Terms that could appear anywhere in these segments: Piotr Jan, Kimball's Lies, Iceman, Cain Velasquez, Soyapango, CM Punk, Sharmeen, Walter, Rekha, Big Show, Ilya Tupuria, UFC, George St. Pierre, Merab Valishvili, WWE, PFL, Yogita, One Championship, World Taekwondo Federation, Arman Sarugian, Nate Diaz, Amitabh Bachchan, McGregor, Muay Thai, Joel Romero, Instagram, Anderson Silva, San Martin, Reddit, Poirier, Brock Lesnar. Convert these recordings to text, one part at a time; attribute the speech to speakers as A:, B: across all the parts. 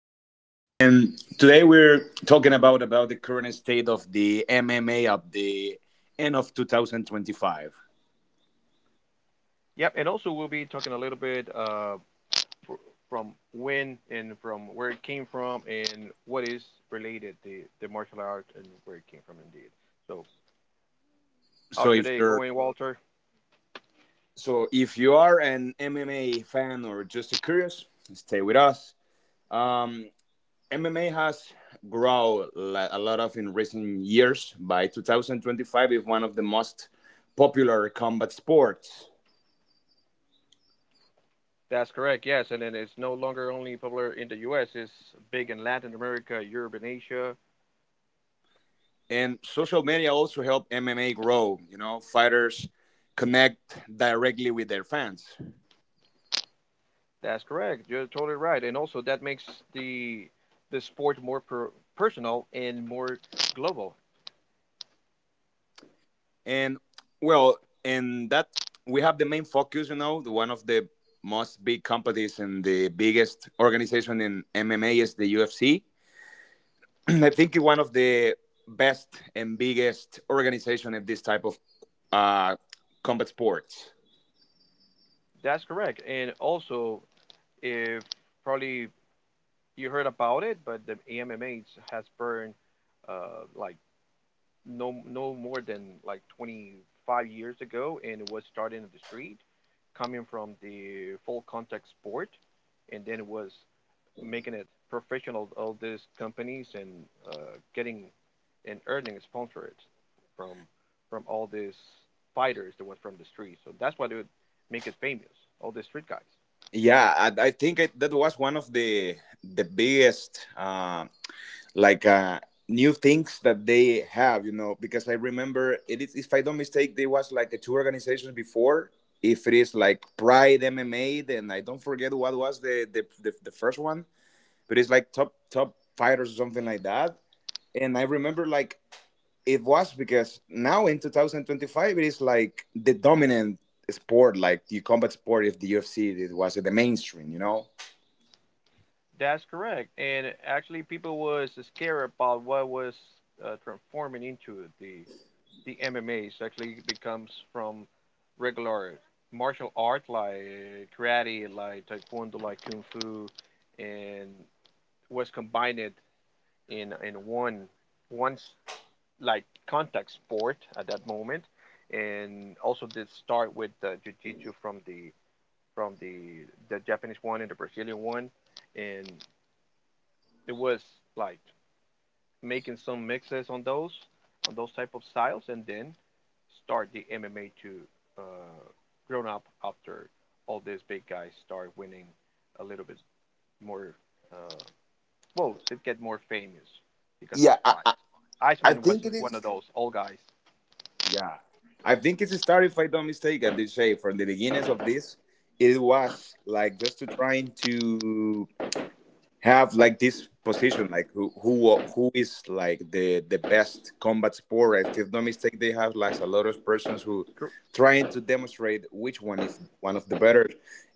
A: This is Walt,
B: Percentage.
A: and today we're talking about the current state of the MMA at the end of 2025.
B: Yep, and also we'll be talking a little bit, fr- from when and from where it came from and what is related the martial art and where it came from indeed. So
A: So
B: how's your
A: if
B: day
A: you're
B: going, Walter?
A: so if you are an MMA fan or just a curious, stay with us. Um, MMA has grown a lot of in recent years. By 2025, is one of the most popular combat sports.
B: That's correct. Yes, and then it's no longer only popular in the U.S. It's big in Latin America, Europe, and Asia.
A: And social media also help MMA grow. You know, fighters connect directly with their fans.
B: That's correct. You're totally right, and also that makes the the sport more personal and more global.
A: And well, in that we have the main focus. You know, the one of the most big companies and the biggest organization in MMA is the UFC. I think one of the best and biggest organization of this type of uh, combat sports.
B: That's correct. And also, if probably you heard about it, but the AMMH has burned, like no more than like 25 years ago, and it was started in the street, coming from the full contact sport, and then it was making it professional. All these companies, and getting and earning sponsored from from all these fighters that was from the street. So that's why they would make it famous. All the street guys.
A: Yeah, I think that was one of the biggest like new things that they have, you know, because I remember it is, if I don't mistake, there was like a two organizations before. If it is like Pride MMA, then I don't forget what was the first one, but it's like top fighters or something like that. And I remember like it was because now in 2025 it is like the dominant sport, like the combat sport. If the UFC, it was the mainstream, you know.
B: That's correct. And actually, people was scared about what was, transforming into the MMAs. Actually, it becomes from regular martial art like karate, like taekwondo, like kung fu, and was combined in one like contact sport at that moment. And also did start with the jiu-jitsu from the Japanese one and the Brazilian one, and it was like making some mixes on those type of styles, and then start the MMA to uh, grown up after all these big guys start winning a little bit more. Uh, well, they get more famous because
A: Yeah,
B: they're
A: i, I
B: fights.
A: I
B: Iceman was
A: think it
B: one
A: is.
B: of those old guys.
A: Yeah. I think it started, if I don't mistake, and they say from the beginnings of this, it was like just to trying to have like this position, like who is like the best combat sport. If I do not mistake, they have like a
B: Cor-
A: lot of persons who trying to demonstrate which one is one of the better,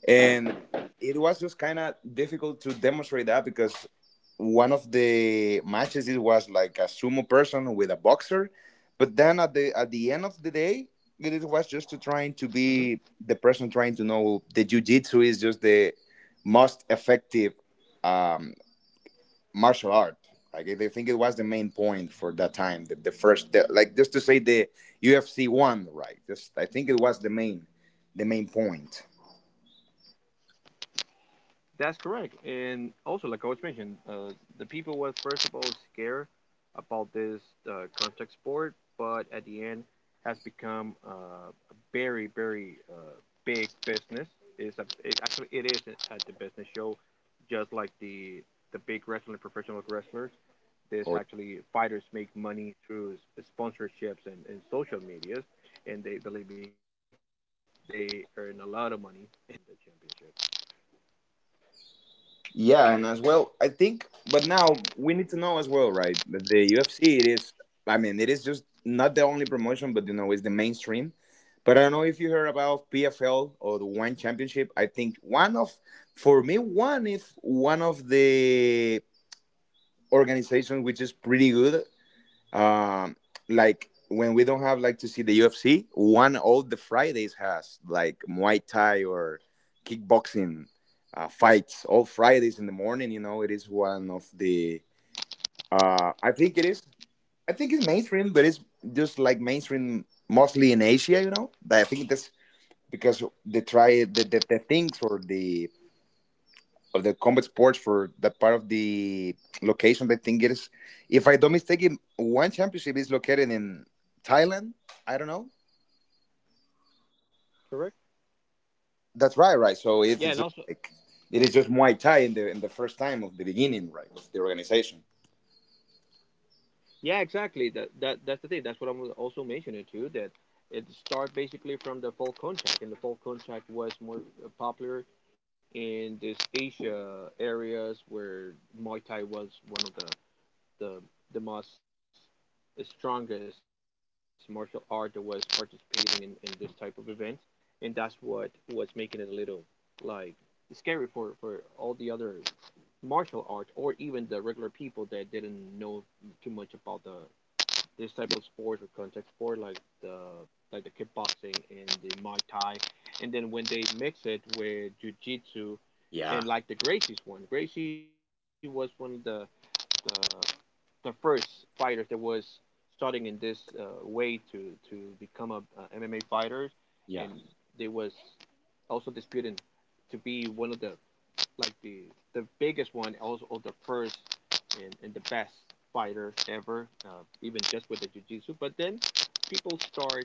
A: and it was just kind of difficult to demonstrate that because one of the matches it was like a sumo person with a boxer. But then at the end of the day, it was just to
B: Mhm.
A: trying to be the person trying to know the jiu-jitsu is just the most effective um martial art. Like I think it was the main point for that time. Like just to say, the UFC one, right? Just I think it was the main point.
B: That's correct. And also, like Coach mentioned, the people was first of all scared about this contact sport, but at the end has become a very, very big business. It's a, it, actually it is at the business show, just like the big wrestling professional wrestlers. There's actually fighters make money through sponsorships and social medias, and they, believe me, they earn a lot of money in the championship.
A: Yeah, and as well, I think. But now we need to know as well, right? That the UFC, it is, I mean, it is just not the only promotion, but you know, it's the mainstream. But I don't know if you heard about PFL or the One Championship. I think one of, for me, one is one of the organizations which is pretty good, um like when we don't have like to see the UFC, one all the Fridays has like Muay Thai or kickboxing fights all Fridays in the morning. You know, it is one of the I think it is, I think it's mainstream, but it's just like mainstream mostly in Asia. You know, but I think that's because the things or the of the combat sports for that part of the location. I think it is, if I don't mistake, it, One Championship is located in Thailand. I don't know.
B: Correct.
A: That's right, right. So
B: Yeah,
A: it's
B: and
A: just
B: also.
A: like it is just Muay Thai in the first time of the beginning, right, of the organization.
B: Yeah, exactly. That's the thing. That's what I'm also mentioning too. That it started basically from the folk contact, and the folk contact was more popular in this Asia areas where Muay Thai was one of the the most strongest martial art that was participating in this type of events, and that's what was making it a little like scary for all the other martial art or even the regular people that didn't know too much about the this type of
A: Yeah.
B: sports or contact sport like the kickboxing and the Muay Thai, and then when they mix it with jujitsu, and
A: Yeah.
B: like the Gracie's one. Gracie was one of the, the first fighters that was starting in this way to become a MMA fighter, and
A: Yeah.
B: they was also disputing to be one of like the the biggest one, also the first and the best fighter ever, even just with the jiu-jitsu. But then people start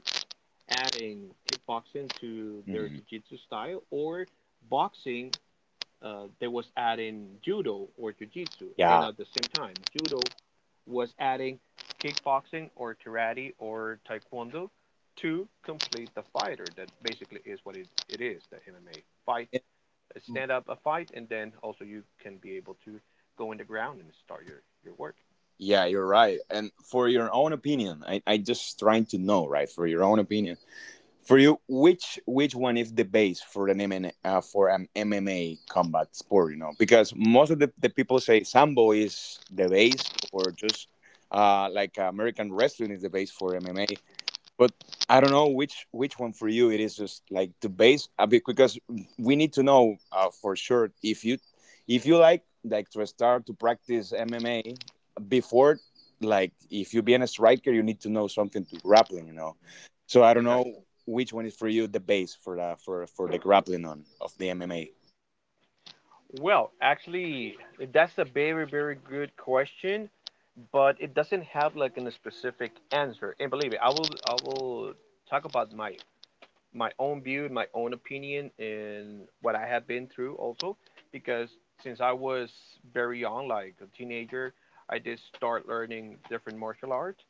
B: adding kickboxing to their
A: Hmm.
B: jiu-jitsu style, or boxing. They was adding judo or jiu-jitsu, and
A: Yeah.
B: at the same time, judo was adding kickboxing or karate or taekwondo to complete the fighter. That basically is what it is: the MMA fight, stand up a fight, and then also you can be able to go in the ground and start your work.
A: Yeah, you're right. And for your own opinion, I just trying to know, right? For your own opinion, for you, which one is the base for an MMA for an MMA combat sport? You know, because most of the people say sambo is the base, or just like American wrestling is the base for MMA. But I don't know which one for you it is just like the base a bit, because we need to know for sure if you, if you like to start to practice MMA before, like if you be a striker you need to know something to grappling, you know. So I don't know
B: Exactly.
A: which one is for you the base for the grappling on of the MMA.
B: Well, actually, that's a very, very good question, but it doesn't have like a specific answer. And believe me, I will talk about my own view and my own opinion in what I have been through also, because since I was very young, like a teenager, I did start learning different martial arts,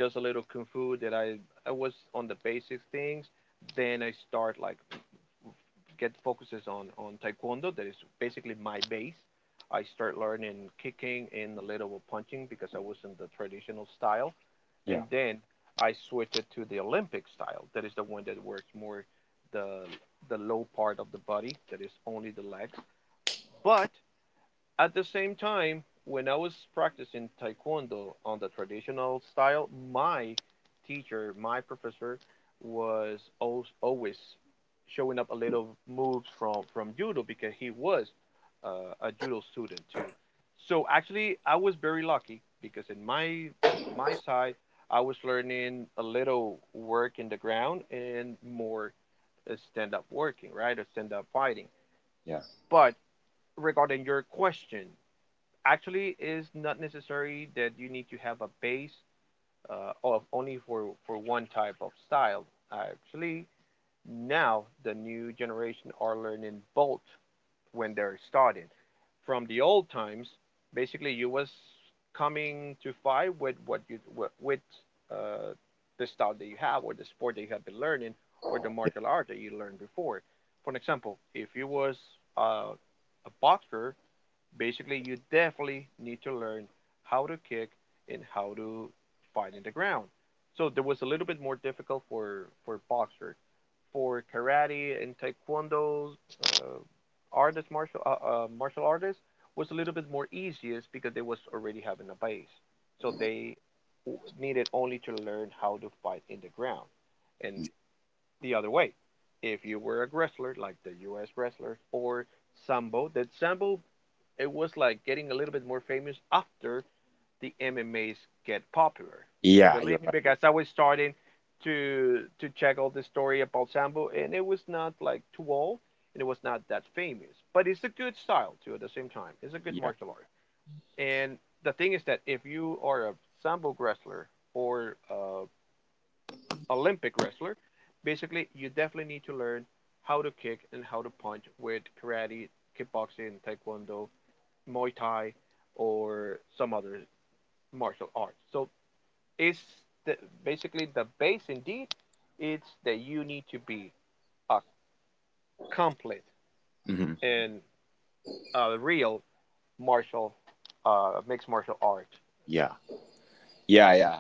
B: just a little kung fu that I was on the basic things. Then I start like get focuses on taekwondo. That is basically my base. I start learning kicking and a little with punching because I was in the traditional style, and
A: Yeah,
B: then I switched it to the Olympic style. That is the one that works more the the low part of the body. That is only the legs, but at the same time, when I was practicing taekwondo on the traditional style, my teacher, my professor, was always showing up a little moves from judo because he was a judo student too. So actually, I was very lucky because in my side, I was learning a little work in the ground and more stand up working, right, or stand up fighting.
A: yeah,
B: But regarding your question, actually is not necessary that you need to have a base of only for one type of style. Actually now the new generation are learning both. When they're started from the old times, basically you was coming to fight with what you with uh, the style that you have, or the sport that you have been learning, or the
A: yeah,
B: martial art that you learned before. For example, if you was uh, a boxer, basically you definitely need to learn how to kick and how to fight in the ground. So there was a little bit more difficult for boxers. For karate and taekwondo uh, artist martial martial artists was a little bit more easiest because they was already having a base. So they needed only to learn how to fight in the ground. And the other way, if you were a wrestler like the U.S. wrestlers or sambo, that sambo it was like getting a little bit more famous after the MMAs get popular.
A: yeah, you're
B: Believe me,
A: right,
B: because I was starting to check all the story about Sambo, and it was not like too old, and it was not that famous. But it's a good style too. At the same time, it's a good
A: yeah,
B: martial art. And the thing is that if you are a Sambo wrestler or a Olympic wrestler, basically you definitely need to learn how to kick and how to punch with karate, kickboxing, taekwondo, Muay Thai or some other martial arts. So it's the, basically the base indeed. It's that you need to be a complete
A: hmm,
B: and a real martial mixed martial art.
A: yeah. Yeah, yeah,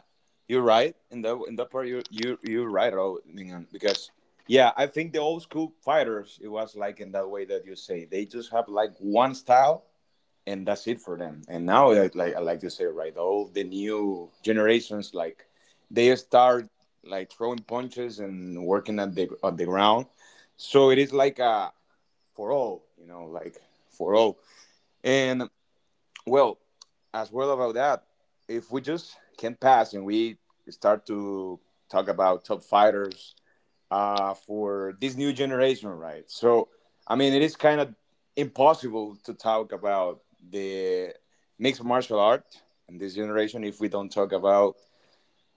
A: you're right. In that part, you're right, Roman, because yeah, I think the old school fighters, it was like in that way that you say, they just have like one style and that's it for them. And now, like you say, right, all the new generations, like they start like throwing punches and working at the on the ground. So it is like a for all, you know, like for all. And. Well, as well about that, if we just can pass and we start to talk about top fighters for this new generation, right? So, I mean, it is kind of impossible to talk about the mixed martial art in this generation if we don't talk about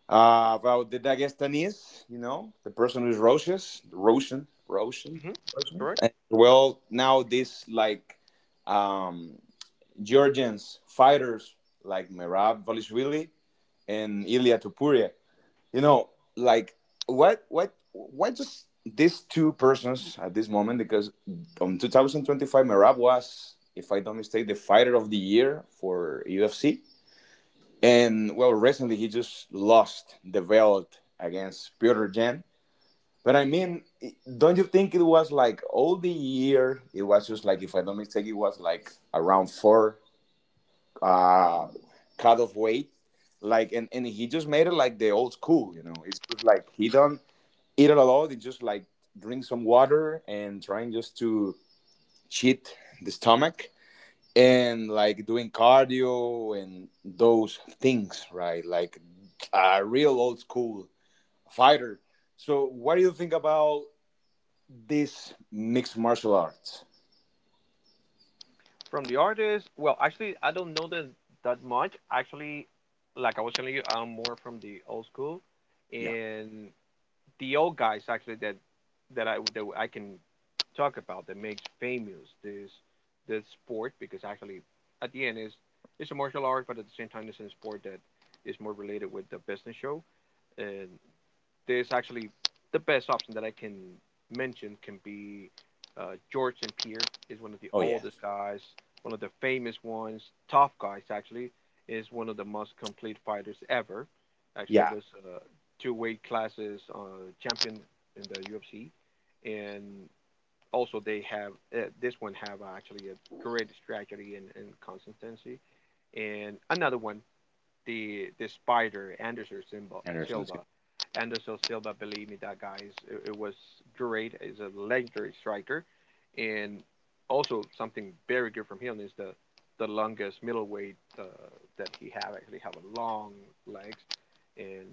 A: the Dagestanese, you know, the person who's Russian.
B: Hmm. Correct.
A: Well, now this like um Georgians fighters like Merab Valishvili and Ilya Tupuria. You know, like what why just these two persons at this moment? Because on 2025, Merab was, if I don't mistake, the fighter of the year for UFC. And well, recently he just lost the belt against Piotr Jan. But I mean, don't you think it was like all the year? It was just like, if I don't mistake, it was like around four uh cut of weight. Like and and he just made it like the old school, you know. It's just like he don't eat it a lot, he just like drink some water and trying just to cheat the stomach and like doing cardio and those things, right, like a real old school fighter. So what do you think about this mixed martial arts?
B: From the artist, well, actually, I don't know that much. Actually, like I was telling you, I'm more from the old school,
A: Yeah.
B: and the old guys actually that I can talk about that makes famous this sport, because actually at the end is it's a martial art, but at the same time it's a sport that is more related with the business show, and there's actually the best option that I can mention can be, George St. Pierre is one of
A: Oh,
B: the
A: yeah.
B: oldest guys, one of the famous ones, tough guys actually, is one of the most complete fighters ever.
A: Yeah,
B: Actually was, two weight classes, champion in the UFC, and also they have, this one have, actually a great strategy and consistency. And another one, the spider, Anderson
A: Anderson
B: Silva
A: Silva.
B: Anderson Silva, believe me, that guy it was great. He's a legendary striker, and also something very good from him is the longest middleweight, that he have actually have a long legs, and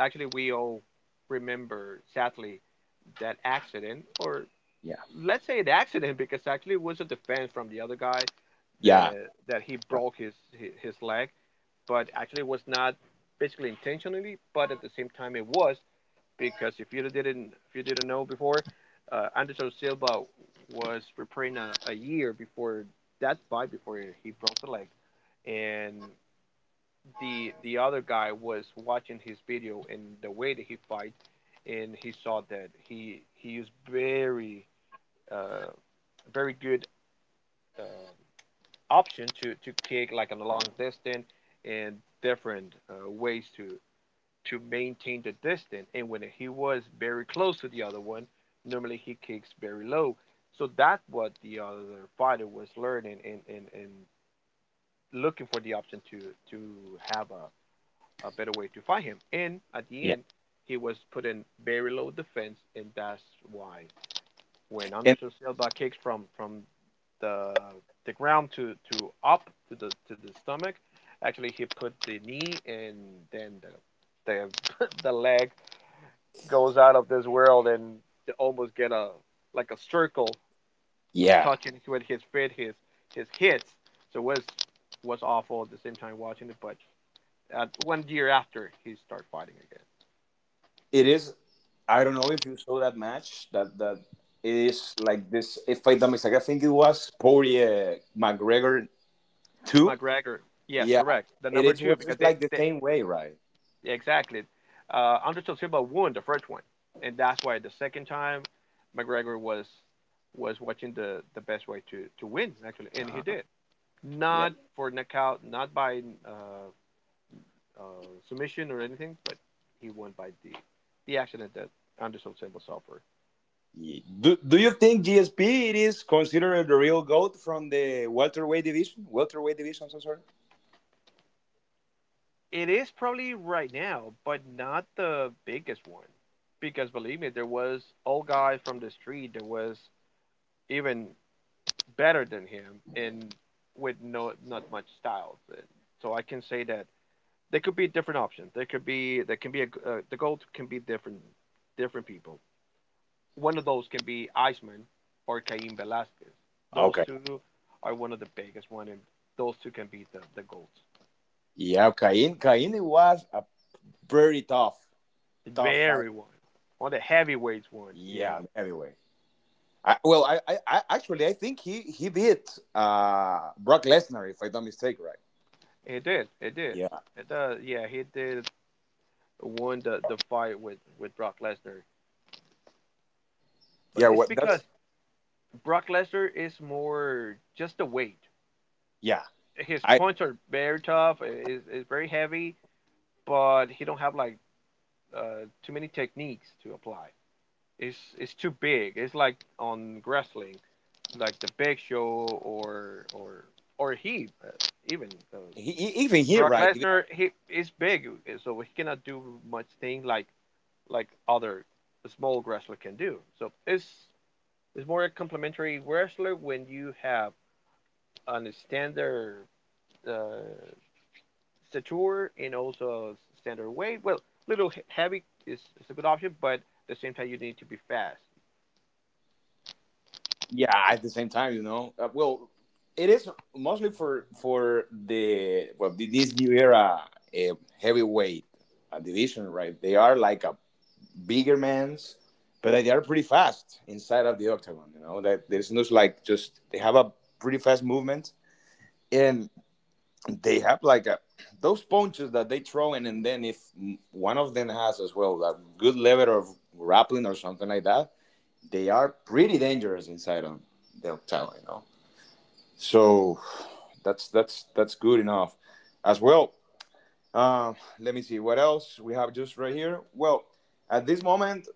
B: actually we all remember sadly that accident, or
A: Yeah,
B: let's say an accident because actually it was a defense from the other guy
A: yeah,
B: that he
A: but
B: broke his leg, but actually it was not basically intentionally, but at the same time it was because, if you didn't know before, Anderson Silva was preparing a year before that fight before he broke the leg, and the other guy was watching his video and the way that he fight, and he saw that he is very, uh, very good, uh, option to kick like on a long distance and different ways to maintain the distance. And when he was very close to the other one, normally he kicks very low. So that's what the other fighter was learning, and looking for the option to have a better way to fight him. And at the
A: yeah,
B: end, he was put in very low defense, and that's why when
A: and
B: Anderson Silva kicks from the the ground to up to the stomach, actually he put the knee and then the leg goes out of this world and to almost get a circle
A: yeah,
B: touching with his feet, his hits. So it was awful at the same time watching it. But one year after, he started fighting again
A: it is, I don't know if you saw that match that it is like this. If I don't mistake, I think it was Poirier McGregor
B: with
A: 2.
B: McGregor. Yes,
A: Yeah,
B: correct. The
A: it
B: number
A: is
B: two
A: was
B: because
A: just
B: they,
A: like the
B: they
A: same way, right?
B: exactly Anderson Silva won the first one, and that's why the second time McGregor was watching the best way to win actually, and he
A: Uh-huh.
B: did.
A: Yeah.
B: Not for knockout, not by uh, submission or anything, but he won by the accident that Anderson Silva suffered.
A: Do, do you think GSP, it is considered the real GOAT from the welterweight division, welterweight division? I'm so sorry.
B: It is probably right now, but not the biggest one, because believe me, there was old guy from the street that was even better than him and with no not much styles. So I can say that there could be a different options. There can be a the gold can be different different people. One of those can be Iceman or Cain Velasquez.
A: Ah,
B: Those
A: okay.
B: two are one of the biggest one, and those two can be the goats.
A: Yeah, Cain, it was a pretty tough
B: The
A: tough fight.
B: very one, one of the heavyweights ones. Yeah,
A: Yeah, anyway, I, well, I actually I think he beat Brock Lesnar if I don't mistake, right?
B: it did. It did.
A: Yeah,
B: It does. Yeah, he did won the fight with Brock Lesnar. But
A: yeah.
B: it's
A: What
B: because
A: that's,
B: Brock Lesnar is more just the weight.
A: yeah.
B: His
A: I
B: punches are very tough. Is very heavy, but he don't have like too many techniques to apply. It's too big. It's like on wrestling, like the Big Show or or he even uh,
A: even here,
B: Brock
A: right?
B: Lesnar. He is big, so he cannot do much thing like other small wrestler can do. So it's more a complementary wrestler when you have an standard uh, stature and also standard weight. Well, little heavy is a good option, but at the same time you need to be fast.
A: Yeah, at the same time, you know. Well, it is mostly for the well this new era heavyweight division, right? They are like a bigger man's, but they are pretty fast inside of the octagon. You know that there's no, like just they have a pretty fast movement, and. They have like a those punches that they throw in, and then if one of them has as well a good level of grappling or something like that, they are pretty dangerous inside on the octagon, you know. So that's good enough, as well. Let me see what else we have just right here. Well, at this moment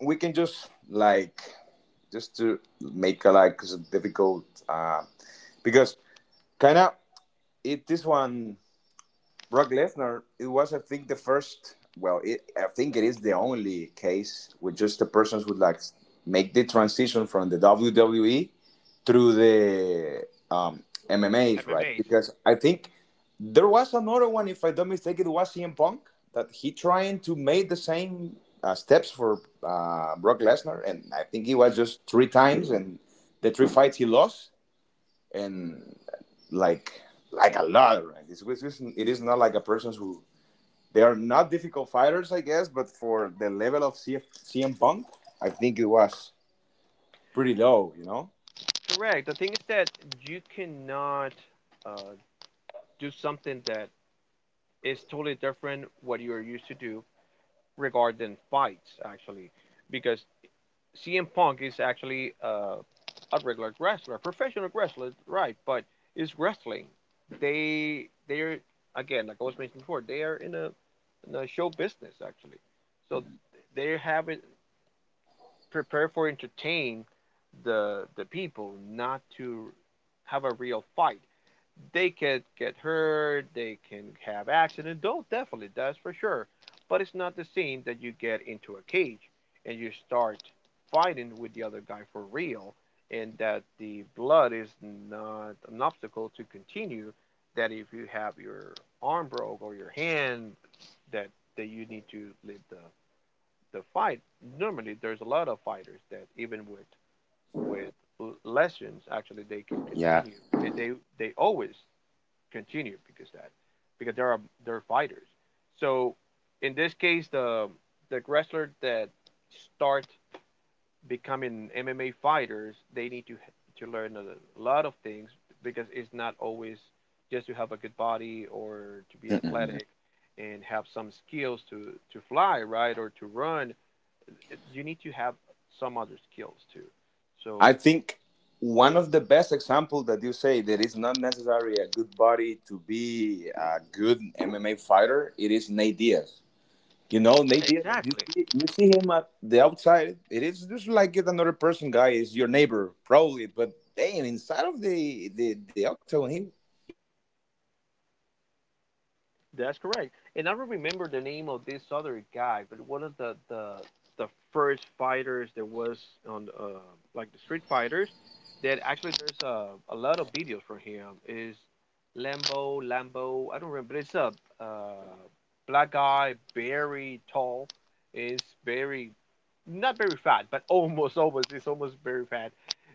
A: we can just like just to make a like difficult because kind of it this one Brock Lesnar, it was, I think, the first. Well, it, I think it is the only case with just the persons who like make the transition from the WWE through the MMAs, right?
B: MMA's.
A: Because I think there was another one, if I don't mistake, it was CM Punk that he trying to make the same steps for Brock Lesnar, and I think he was just three times, and the three fights he lost, and like like a lot, right? It is not like a person who they are not difficult fighters, I guess, but for the level of CM Punk, I think it was pretty low, you know?
B: Correct. The thing is that you cannot uh, do something that is totally different what you are used to do regarding fights, actually, because CM Punk is actually a regular wrestler, professional wrestler, right? But it's wrestling. They are again, like I was mentioning before, they are in a show business actually, so they have it prepared for entertain the people, not to have a real fight. They can get hurt, they can have accidents. Don't definitely, that's for sure. But it's not the same that you get into a cage and you start fighting with the other guy for real, and that the blood is not an obstacle to continue. That if you have your arm broke or your hand, that that you need to leave the fight. Normally, there's a lot of fighters that even with with lessons actually they can
A: Yeah.
B: continue and they always continue because that because there are they're fighters. So in this case, the wrestlers that start becoming MMA fighters, they need to learn a lot of things because it's not always just to have a good body or to be
A: Mm-mm.
B: athletic and have some skills to fly right or to run. You need to have some other skills too.
A: I
B: So
A: think one of the best examples that you say that it's not necessary a good body to be a good MMA fighter, it is Nate Diaz. You know, Nate Diaz, you see him at the outside, it is just like it another person guy is your neighbor, probably, but damn, inside of the octagon, he.
B: that's correct. And I don't remember the name of this other guy, but one of the the first fighters that was on like the Street Fighters, that actually there's a lot of videos from him is Lambo Lambo. I don't remember. But it's a uh, black guy, very tall, is very not very fat, but almost is almost very fat,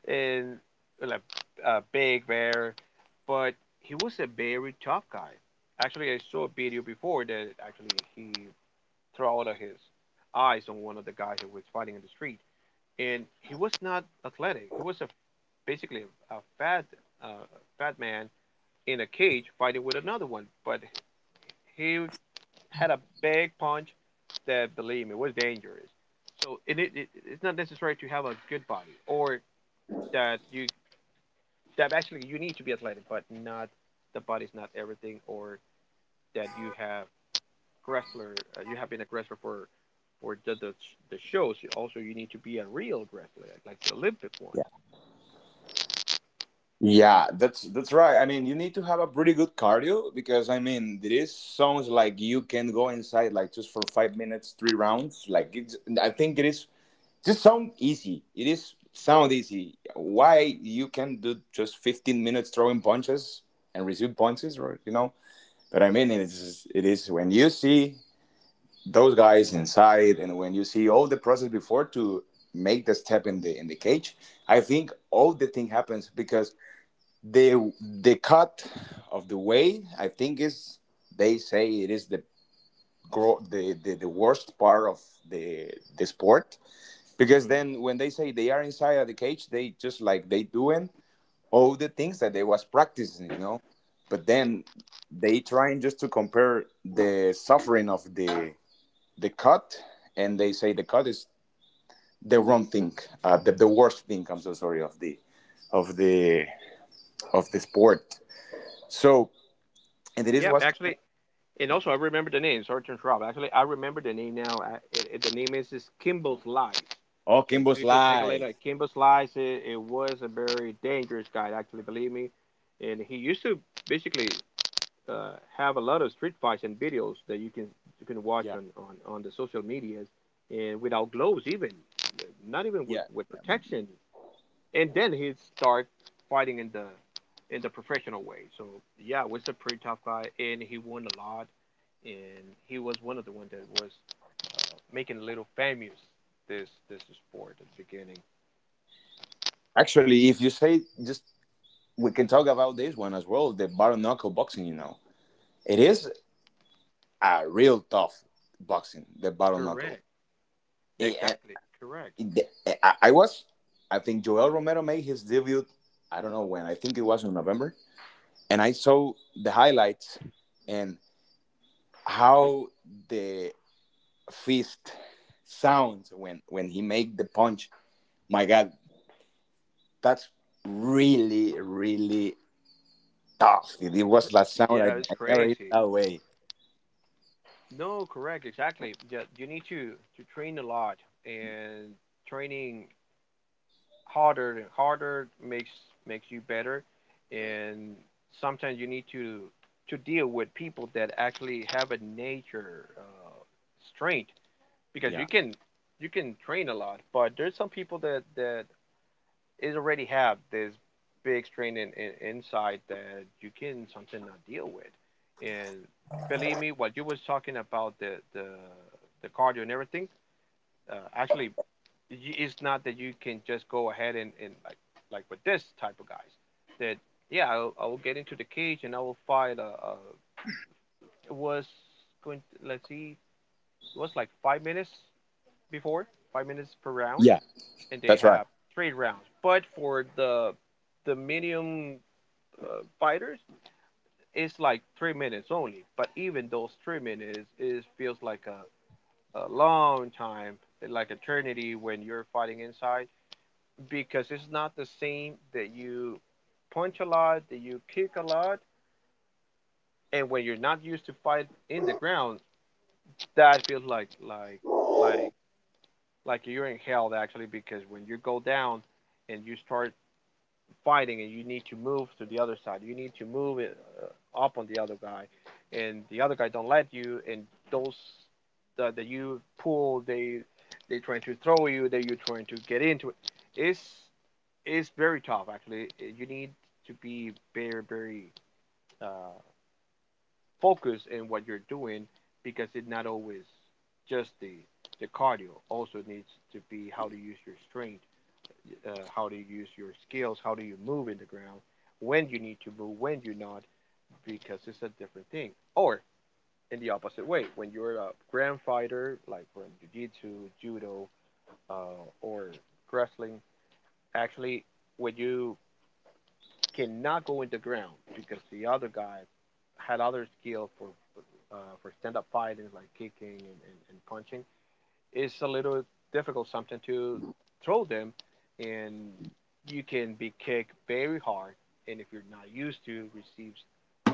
B: and like a big bear, but he was a very tough guy. Actually, I saw a video before that actually he threw out of his eyes on one of the guys who was fighting in the street, and he was not athletic. He was a basically a fat, uh, fat man in a cage fighting with another one, but he had a big punch that, believe me, was dangerous. So and it's not necessary to have a good body or that you that actually you need to be athletic, but not the body's not everything or that you have wrestler. You have been a wrestler for the, the shows. You also, you need to be a real wrestler, like the Olympic ones.
A: Yeah. Yeah, that's right. I mean, you need to have a pretty good cardio because, I mean, there is songs like you can go inside like just for 5 minutes, three rounds. Like it's, I think it is just sound easy. It is sound easy. Why you can do just 15 minutes throwing punches and receive punches, right? You know. But I mean, it is when you see those guys inside, and when you see all the process before to make the step in the cage, I think all the thing happens because. The cut of the way, I think, is they say it is the worst part of the the sport, because
B: Hmm.
A: then when they say they are inside of the cage, they just like they doing all the things that they was practicing, but then they trying just to compare the suffering of the cut, and they say the cut is the wrong thing, the worst thing, I'm so sorry, of the of the of the sport. So and it is
B: Yep,
A: was...
B: actually, and also I remember the name. Sorry to interrupt. Actually, I remember the name now. The name is Kimball's Lies.
A: Oh,
B: So if
A: Kimbo's
B: you can check it
A: live.
B: later, Kimball's Lies. It was a very dangerous guy, actually. Believe me, and he used to basically have a lot of street fights and videos that you can watch
A: Yeah,
B: on the social medias and without gloves even not even
A: yeah.
B: with protection and then he'd start fighting in the professional way. So yeah, was a pretty tough guy and he won a lot and he was one of the ones that was making a little famous this sport at the beginning.
A: Actually, if you say just, we can talk about this one as well. The bare knuckle boxing, it is a real tough boxing. The bare knuckle.
B: Correct.
A: Eh, eh,
B: Exactly, correct,
A: the- eh, I I was, I think Joel Romero made his debut. I don't know when. I think it was in November, and I saw the highlights and how the fist sounds when he make the punch. My God, that's really, really. Ah, it was that sound. I,
B: yeah, it's
A: I never heard
B: crazy.
A: that way.
B: No, correct, exactly. Yeah, you need to train a lot, and training harder and harder makes you better. And sometimes you need to deal with people that actually have a nature strength because
A: Yeah.
B: you can train a lot, but there's some people that it already have this big strain inside that you can something not deal with. And believe me, what you was talking about the the cardio and everything, actually, it's not that you can just go ahead and like with this type of guys. That yeah, I will get into the cage and I will fight. It was going. To, let's see, it was like 5 minutes before, 5 minutes per round,
A: Yeah.
B: and they
A: That's right.
B: have 3 rounds. But for the medium fighters it's like 3 minutes only but even those 3 minutes it feels like a long time like eternity when you're fighting inside because it's not the same that you punch a lot that you kick a lot and when you're not used to fight in the ground that feels like like you're in hell actually because when you go down and you start fighting and you need to move to the other side. You need to move it, up on the other guy, and the other guy don't let you. And those that you pull, they trying to throw you. That you're trying to get into it. It's it's very tough actually. You need to be very uh, focused in what you're doing because it's not always just the cardio. Also needs to be how to use your strength, how do you use your skills, how do you move in the ground, when you need to move, when you not, because it's a different thing. Or in the opposite way, when you're a ground fighter, like from jiu-jitsu, judo, or wrestling, actually, when you cannot go in the ground because the other guy had other skill for stand-up fighting, like kicking and, and punching, it's a little difficult something to throw them and you can be kicked very hard and if you're not used to receives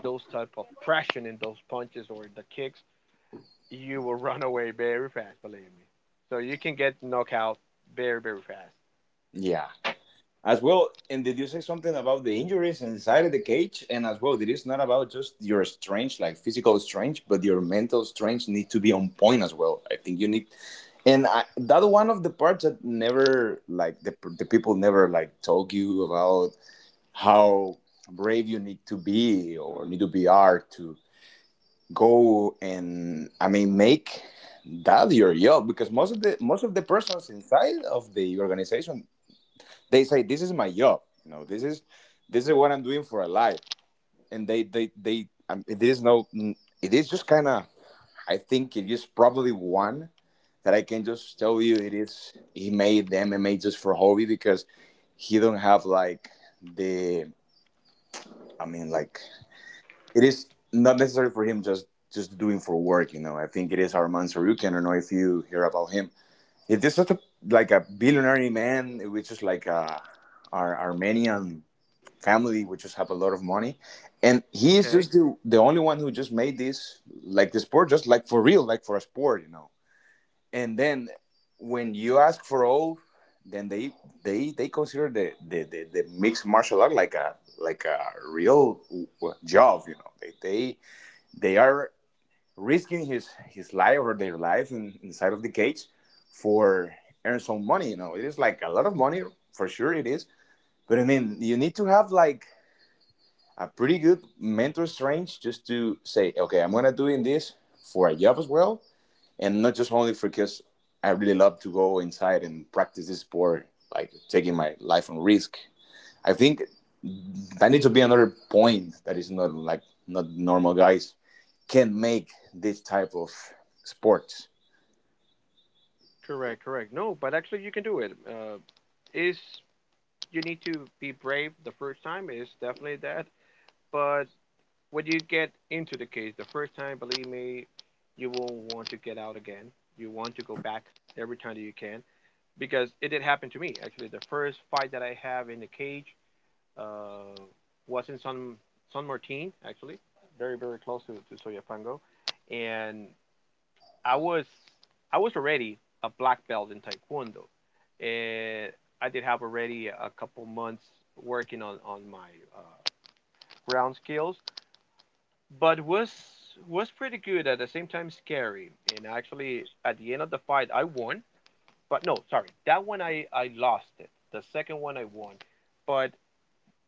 B: those type of pressure in those punches or the kicks you will run away very fast, believe me, so you can get knocked out very fast.
A: Yeah. As well, and did you say something about the injuries inside of the cage? And as well, it is not about just your strength, like physical strength, but your mental strength need to be on point as well. I think you need, and I, that one of the parts that never, like the people never like told you about how brave you need to be or need to be are to go and I mean make that your job, because most of the persons inside of the organization, they say this is my job, this is what I'm doing for a life, and they it is no, it is just kind of. I think it is probably one that I can just tell you, it is he made the MMA just for hobby because he don't have like the. I mean, like it is not necessary for him, just doing for work. I think it is Arman Sarukian. I don't know if you hear about him. It is such a, like a billionaire man, which is like a, our Armenian family, which just have a lot of money, and he is
B: Okay.
A: just the only one who just made this like the sport, just like for real, like for a sport. And then when you ask for all, then they consider the mixed martial art like a real job. They are risking his life or their life inside of the cage for earn some money. It is like a lot of money for sure. It is, but I mean, you need to have like a pretty good mental strength just to say, okay, I'm gonna doing this for a job as well, and not just only for because I really love to go inside and practice this sport, like taking my life on risk. I think that needs to be another point, that is not like not normal guys can make this type of sports.
B: Correct, correct. No, but actually you can do it. Is you need to be brave the first time is definitely that but when you get into the case the first time, believe me, you won't want to get out again. You want to go back every time that you can because it did happen to me. Actually, the first fight that I have in the cage uh, was in San Martin, actually, very very close to Soyapango, and I was I was already a black belt in Taekwondo, and I did have already a couple months working on my ground skills but was pretty good at the same time scary. And actually, at the end of the fight, I won. But no, sorry, that one I lost it. The second one I won, but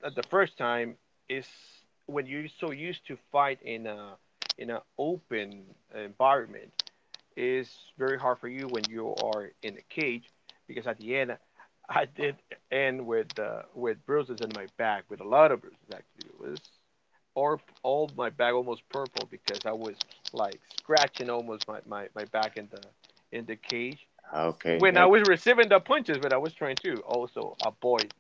B: at the first time is when you're so used to fight in a in an open environment is very hard for you when you are in a cage because at the end I did end with bruises in my back, with a lot of bruises actually. It was or all my back almost purple because I was like scratching almost my back in the cage
A: Okay.
B: when I was receiving the punches, but I was trying to also avoid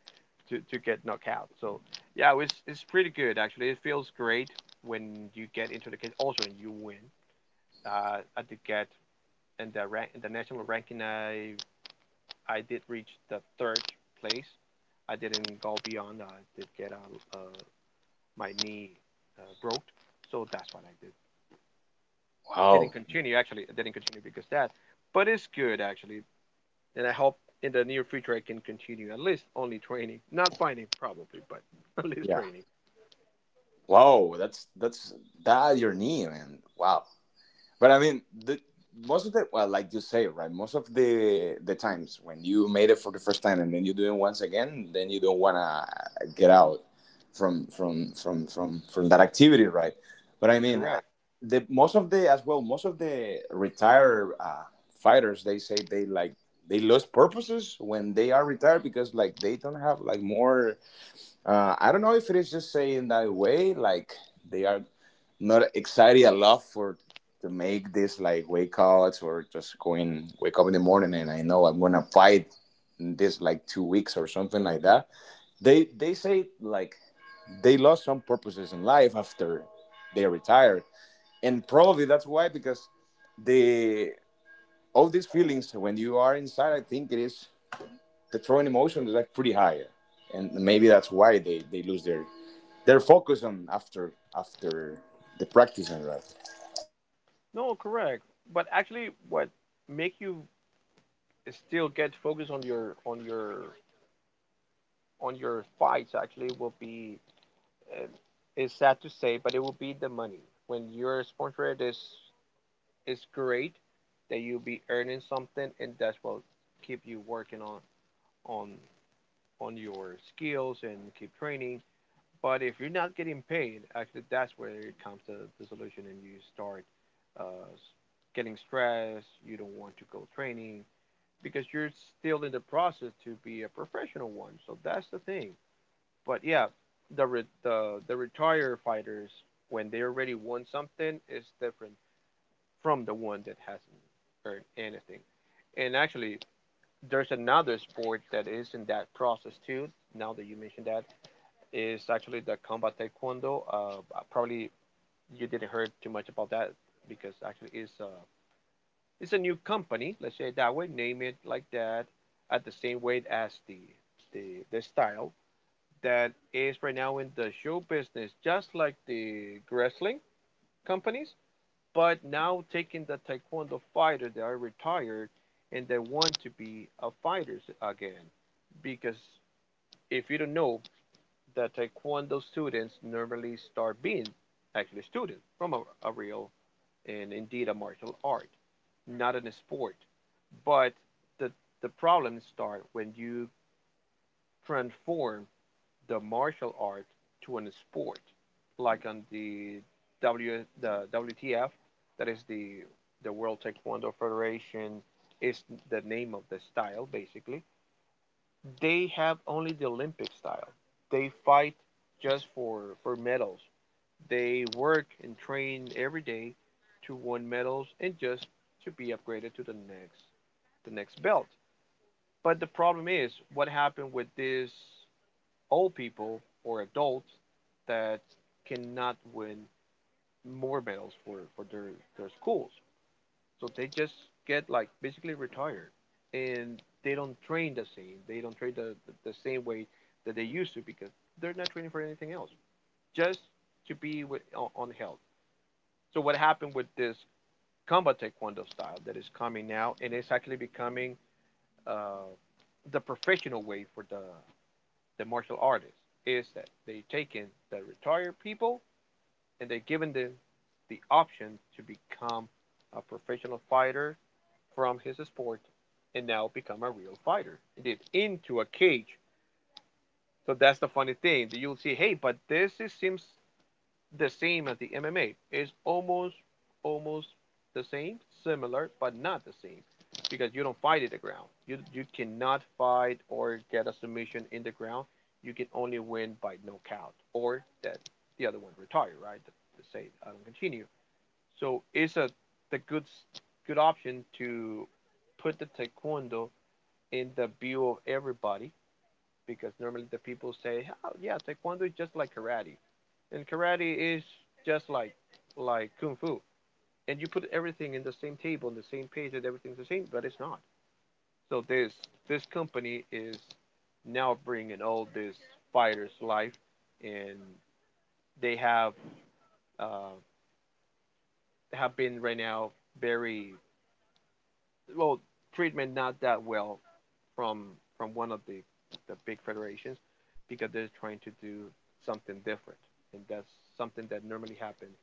B: to get knocked out. So yeah, it's pretty good actually. It feels great when you get into the cage. Also, when you win, I did get in the rank in the national ranking. I did reach the third place. I didn't go beyond. I did get my knee broke, so that's what I did. Didn't
A: Wow.
B: continue actually. I didn't continue because that, but it's good actually, and I hope in the near future I can continue at least only training, not fighting probably, but at least
A: Yeah.
B: training.
A: Wow. That's that your knee, man. Wow. But I mean, the, most of the, well, like you say, right? Most of the times when you made it for the first time and then you do it once again, then you don't wanna get out from that activity, right? But I mean,
B: Correct.
A: the most of the as well, most of the retired fighters, they say they like they lose purposes when they are retired because like they don't have like more. I don't know if it is just saying that way, like they are not excited enough for to make this like wake ups or just going wake up in the morning, and I know I'm gonna fight in this like 2 weeks or something like that. They say like they lost some purposes in life after they retired, and probably that's why, because the all these feelings when you are inside, I think it is the throwing emotions is like pretty high, and maybe that's why they lose their they're focused on after the practice and that.
B: No, correct. But actually, what make you still get focused on your on your fights actually will be uh, it's sad to say, but it will be the money. When your sponsorship is great, that you'll be earning something, and that's what keep you working on on on your skills and keep training. But if you're not getting paid, actually, that's where it comes to the solution, and you start uh, getting stressed. You don't want to go training because you're still in the process to be a professional one. So that's the thing. But yeah, the retired fighters when they already won something is different from the one that hasn't earned anything. And actually, there's another sport that is in that process too. Now that you mentioned that, is actually the combat taekwondo. Probably you didn't heard too much about that because actually it's a new company. Let's say it that way. Name it like that, at the same way as the style that is right now in the show business, just like the wrestling companies, but now taking the taekwondo fighter that are retired and they want to be a fighters again. Because if you don't know, the taekwondo students normally start being actually students from a real and indeed a martial art, not in a sport. But the the problems start when you transform the martial art to a sport, like on the W the WTF, that is the World Taekwondo Federation, is the name of the style basically. They have only the Olympic style. They fight just for medals. They work and train every day to win medals and just to be upgraded to the next belt. But the problem is what happened with this old people or adults that cannot win more medals for their schools. So they just get like basically retired and they don't train the same. They don't train the same way that they used to because they're not training for anything else, just to be with, on health. So what happened with this combat taekwondo style that is coming now and it's actually becoming uh, the professional way for the martial artists is that they taken the retired people and they given them the option to become a professional fighter from his sport and now become a real fighter. It is into a cage. So that's the funny thing. That You'll see, hey, but this is, seems the same as the MMA. It's almost the same, similar, but not the same because you don't fight in the ground. You cannot fight or get a submission in the ground. You can only win by knockout or that the other one retire, right? To say I don't continue. So it's a the good option to put the taekwondo in the view of everybody because normally the people say, oh yeah, taekwondo is just like karate and karate is just like kung fu. And you put everything in the same table, on the same page, and everything's the same, but it's not. So this company is now bringing all this fighters life, and they uh, have been right now very well treatment not that well from one of the big federations because they're trying to do something different and that's something that normally happens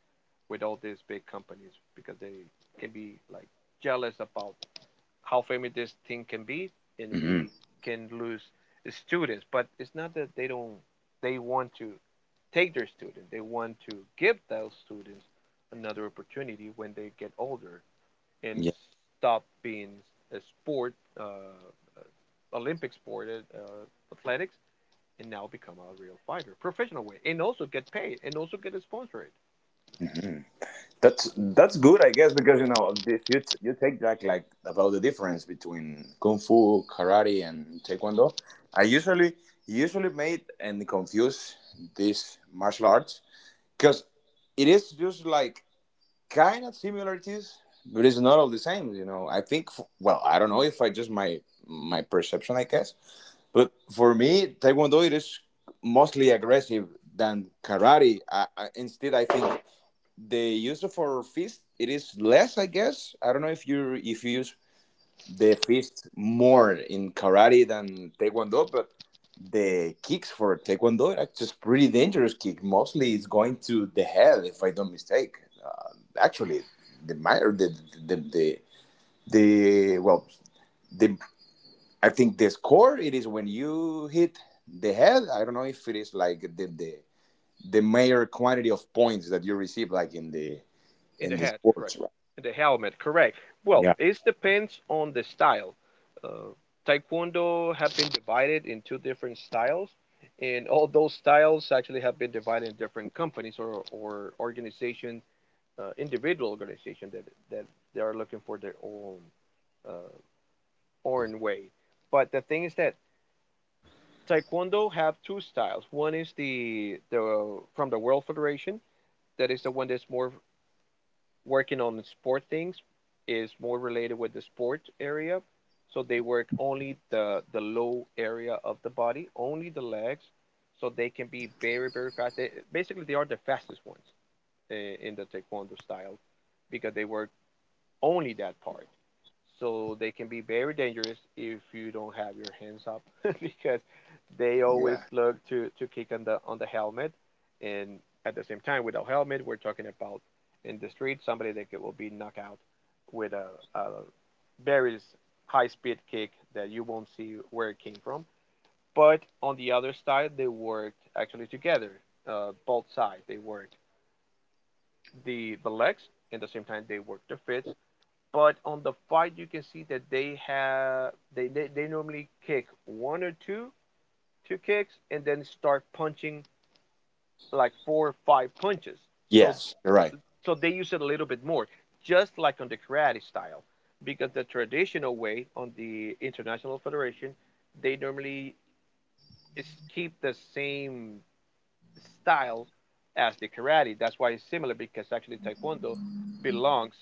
B: with all these big companies because they can be like jealous about how famous this thing can be and
A: Hmm.
B: we can lose students but it's not that they don't they want to take their student they want to give those students another opportunity when they get older and
A: Yeah,
B: stop being a sport, uh, Olympic sport, athletics, and now become a real fighter, professional way, and also get paid, and also get a sponsorate
A: that's good, I guess, because if you take back like about the difference between kung fu, karate, and taekwondo, I usually made and confuse these martial arts because it is just like kind of similarities, but it's not all the same. You know, I think. Well, I don't know if I just my perception, I guess. But for me, Taekwondo it is mostly aggressive than karate. Instead, I think the use of our fist it is less, I guess. I don't know if you use the fist more in karate than Taekwondo, but the kicks for Taekwondo are just pretty dangerous kick. Mostly, it's going to the head if I don't mistake. Uh, actually, the, my, the the the the, well, the I think the score it is when you hit the head. I don't know if it is like the major quantity of points that you receive, like in the
B: in the
A: in the
B: hat, correct?
A: sports, right?
B: In the helmet, correct? Well,
A: Yeah,
B: it depends on the style. Uh, Taekwondo have been divided in two different styles, and all those styles actually have been divided in different companies or organizations, individual organizations that they are looking for their own uh, foreign way. But the thing is that Taekwondo have two styles. One is the from the World Federation. That is the one that's more working on the sport things, is more related with the sport area. So they work only the low area of the body, only the legs. So they can be very fast. They, basically, they are the fastest ones in the Taekwondo style because they work only that part. So they can be very dangerous if you don't have your hands up because they
A: yeah,
B: always look to kick on the helmet and at the same time without helmet we're talking about in the street somebody that will be knocked out with a very high speed kick that you won't see where it came from. But on the other side they worked actually together. Both sides they worked the legs and at the same time they worked the fists but on the fight you can see that they have they normally kick one or two kicks and then start punching like four or five punches so
A: yes, you're right.
B: so they use it a little bit more just like on the karate style because the traditional way on the international federation they normally is keep the same style as the karate that's why it's similar because actually taekwondo belongs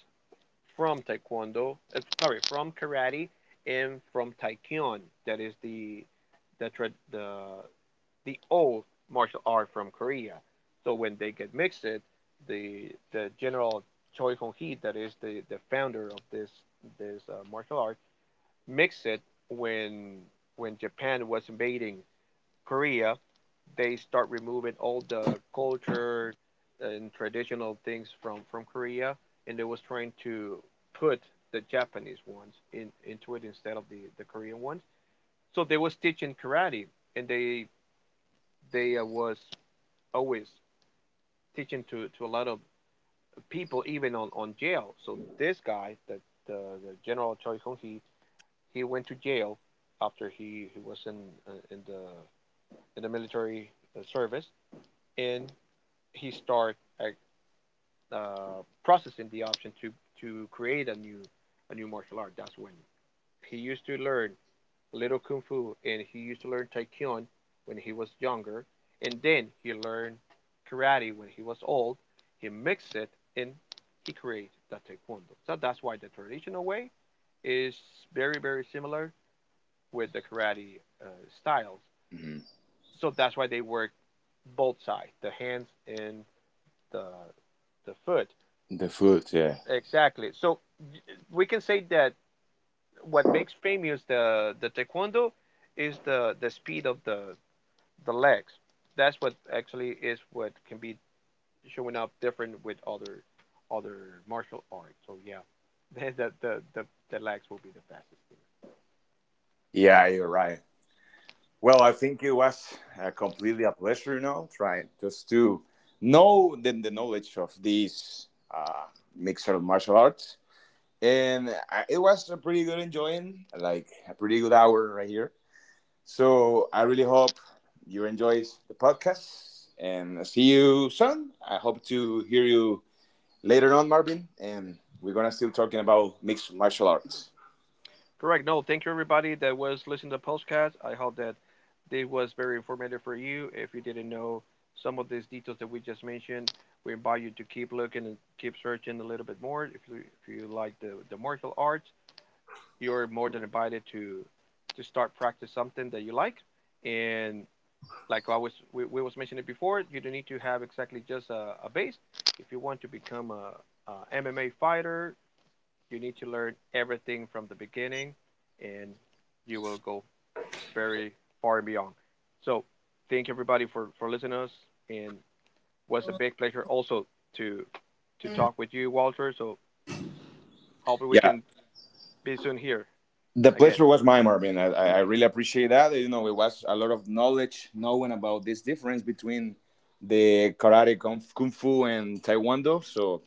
B: from from karate and from taekyon. That is the the the old martial art from Korea. So when they get mixed, the general Choi Hong Hee, that is the founder of this martial art, mixed it when when Japan was invading Korea, they start removing all the culture and traditional things from Korea, and they was trying to put the Japanese ones in into it instead of the Korean ones. So they was teaching karate, and they was always teaching to a lot of people, even on jail. So this guy, the General Choi Hong Hee, he went to jail after he was in the in the military service, and he start like, processing the option to create a new martial art. That's when he used to learn a little kung fu and he used to learn taekwondo when he was younger, and then he learned karate when he was old. He mixed it and he created the taekwondo. So that's why the traditional way is very similar with the karate styles.
A: Mhm.
B: So that's why they work both sides, the hands and the the foot.
A: The foot, yeah,
B: Exactly. So we can say that what makes famous the taekwondo is the speed of the legs. That's what actually is what can be showing up different with other martial arts. So yeah, the legs will be the fastest thing.
A: yeah, you're right. Well, I think it was completely a pleasure, trying just to know the knowledge of these mixed martial arts, and it was a pretty good enjoying, like a pretty good hour right here. So I really hope you enjoy the podcast and see you soon. I hope to hear you later on, Marvin. And we're gonna still talking about mixed martial arts.
B: Correct. No, thank you everybody that was listening to the podcast. I hope that this was very informative for you. If you didn't know some of these details that we just mentioned, we invite you to keep looking and keep searching a little bit more. If you like the martial arts, you're more than invited to start practice something that you like. And like I was we was mentioning before, you don't need to have exactly just a base. If you want to become a MMA fighter, you need to learn everything from the beginning and you will go very far beyond. So thank everybody for listening to us and was a big pleasure also to talk with you Walter, so hopefully we
A: Yeah,
B: can be soon here
A: the
B: again.
A: pleasure was mine, Marvin. I really appreciate that. It was a lot of knowledge knowing about this difference between the karate, kung fu, and taekwondo. So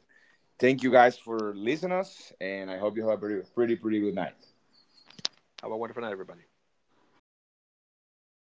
A: thank you guys for listening us, and I hope you have a pretty, pretty, pretty good night.
B: Have a wonderful night everybody.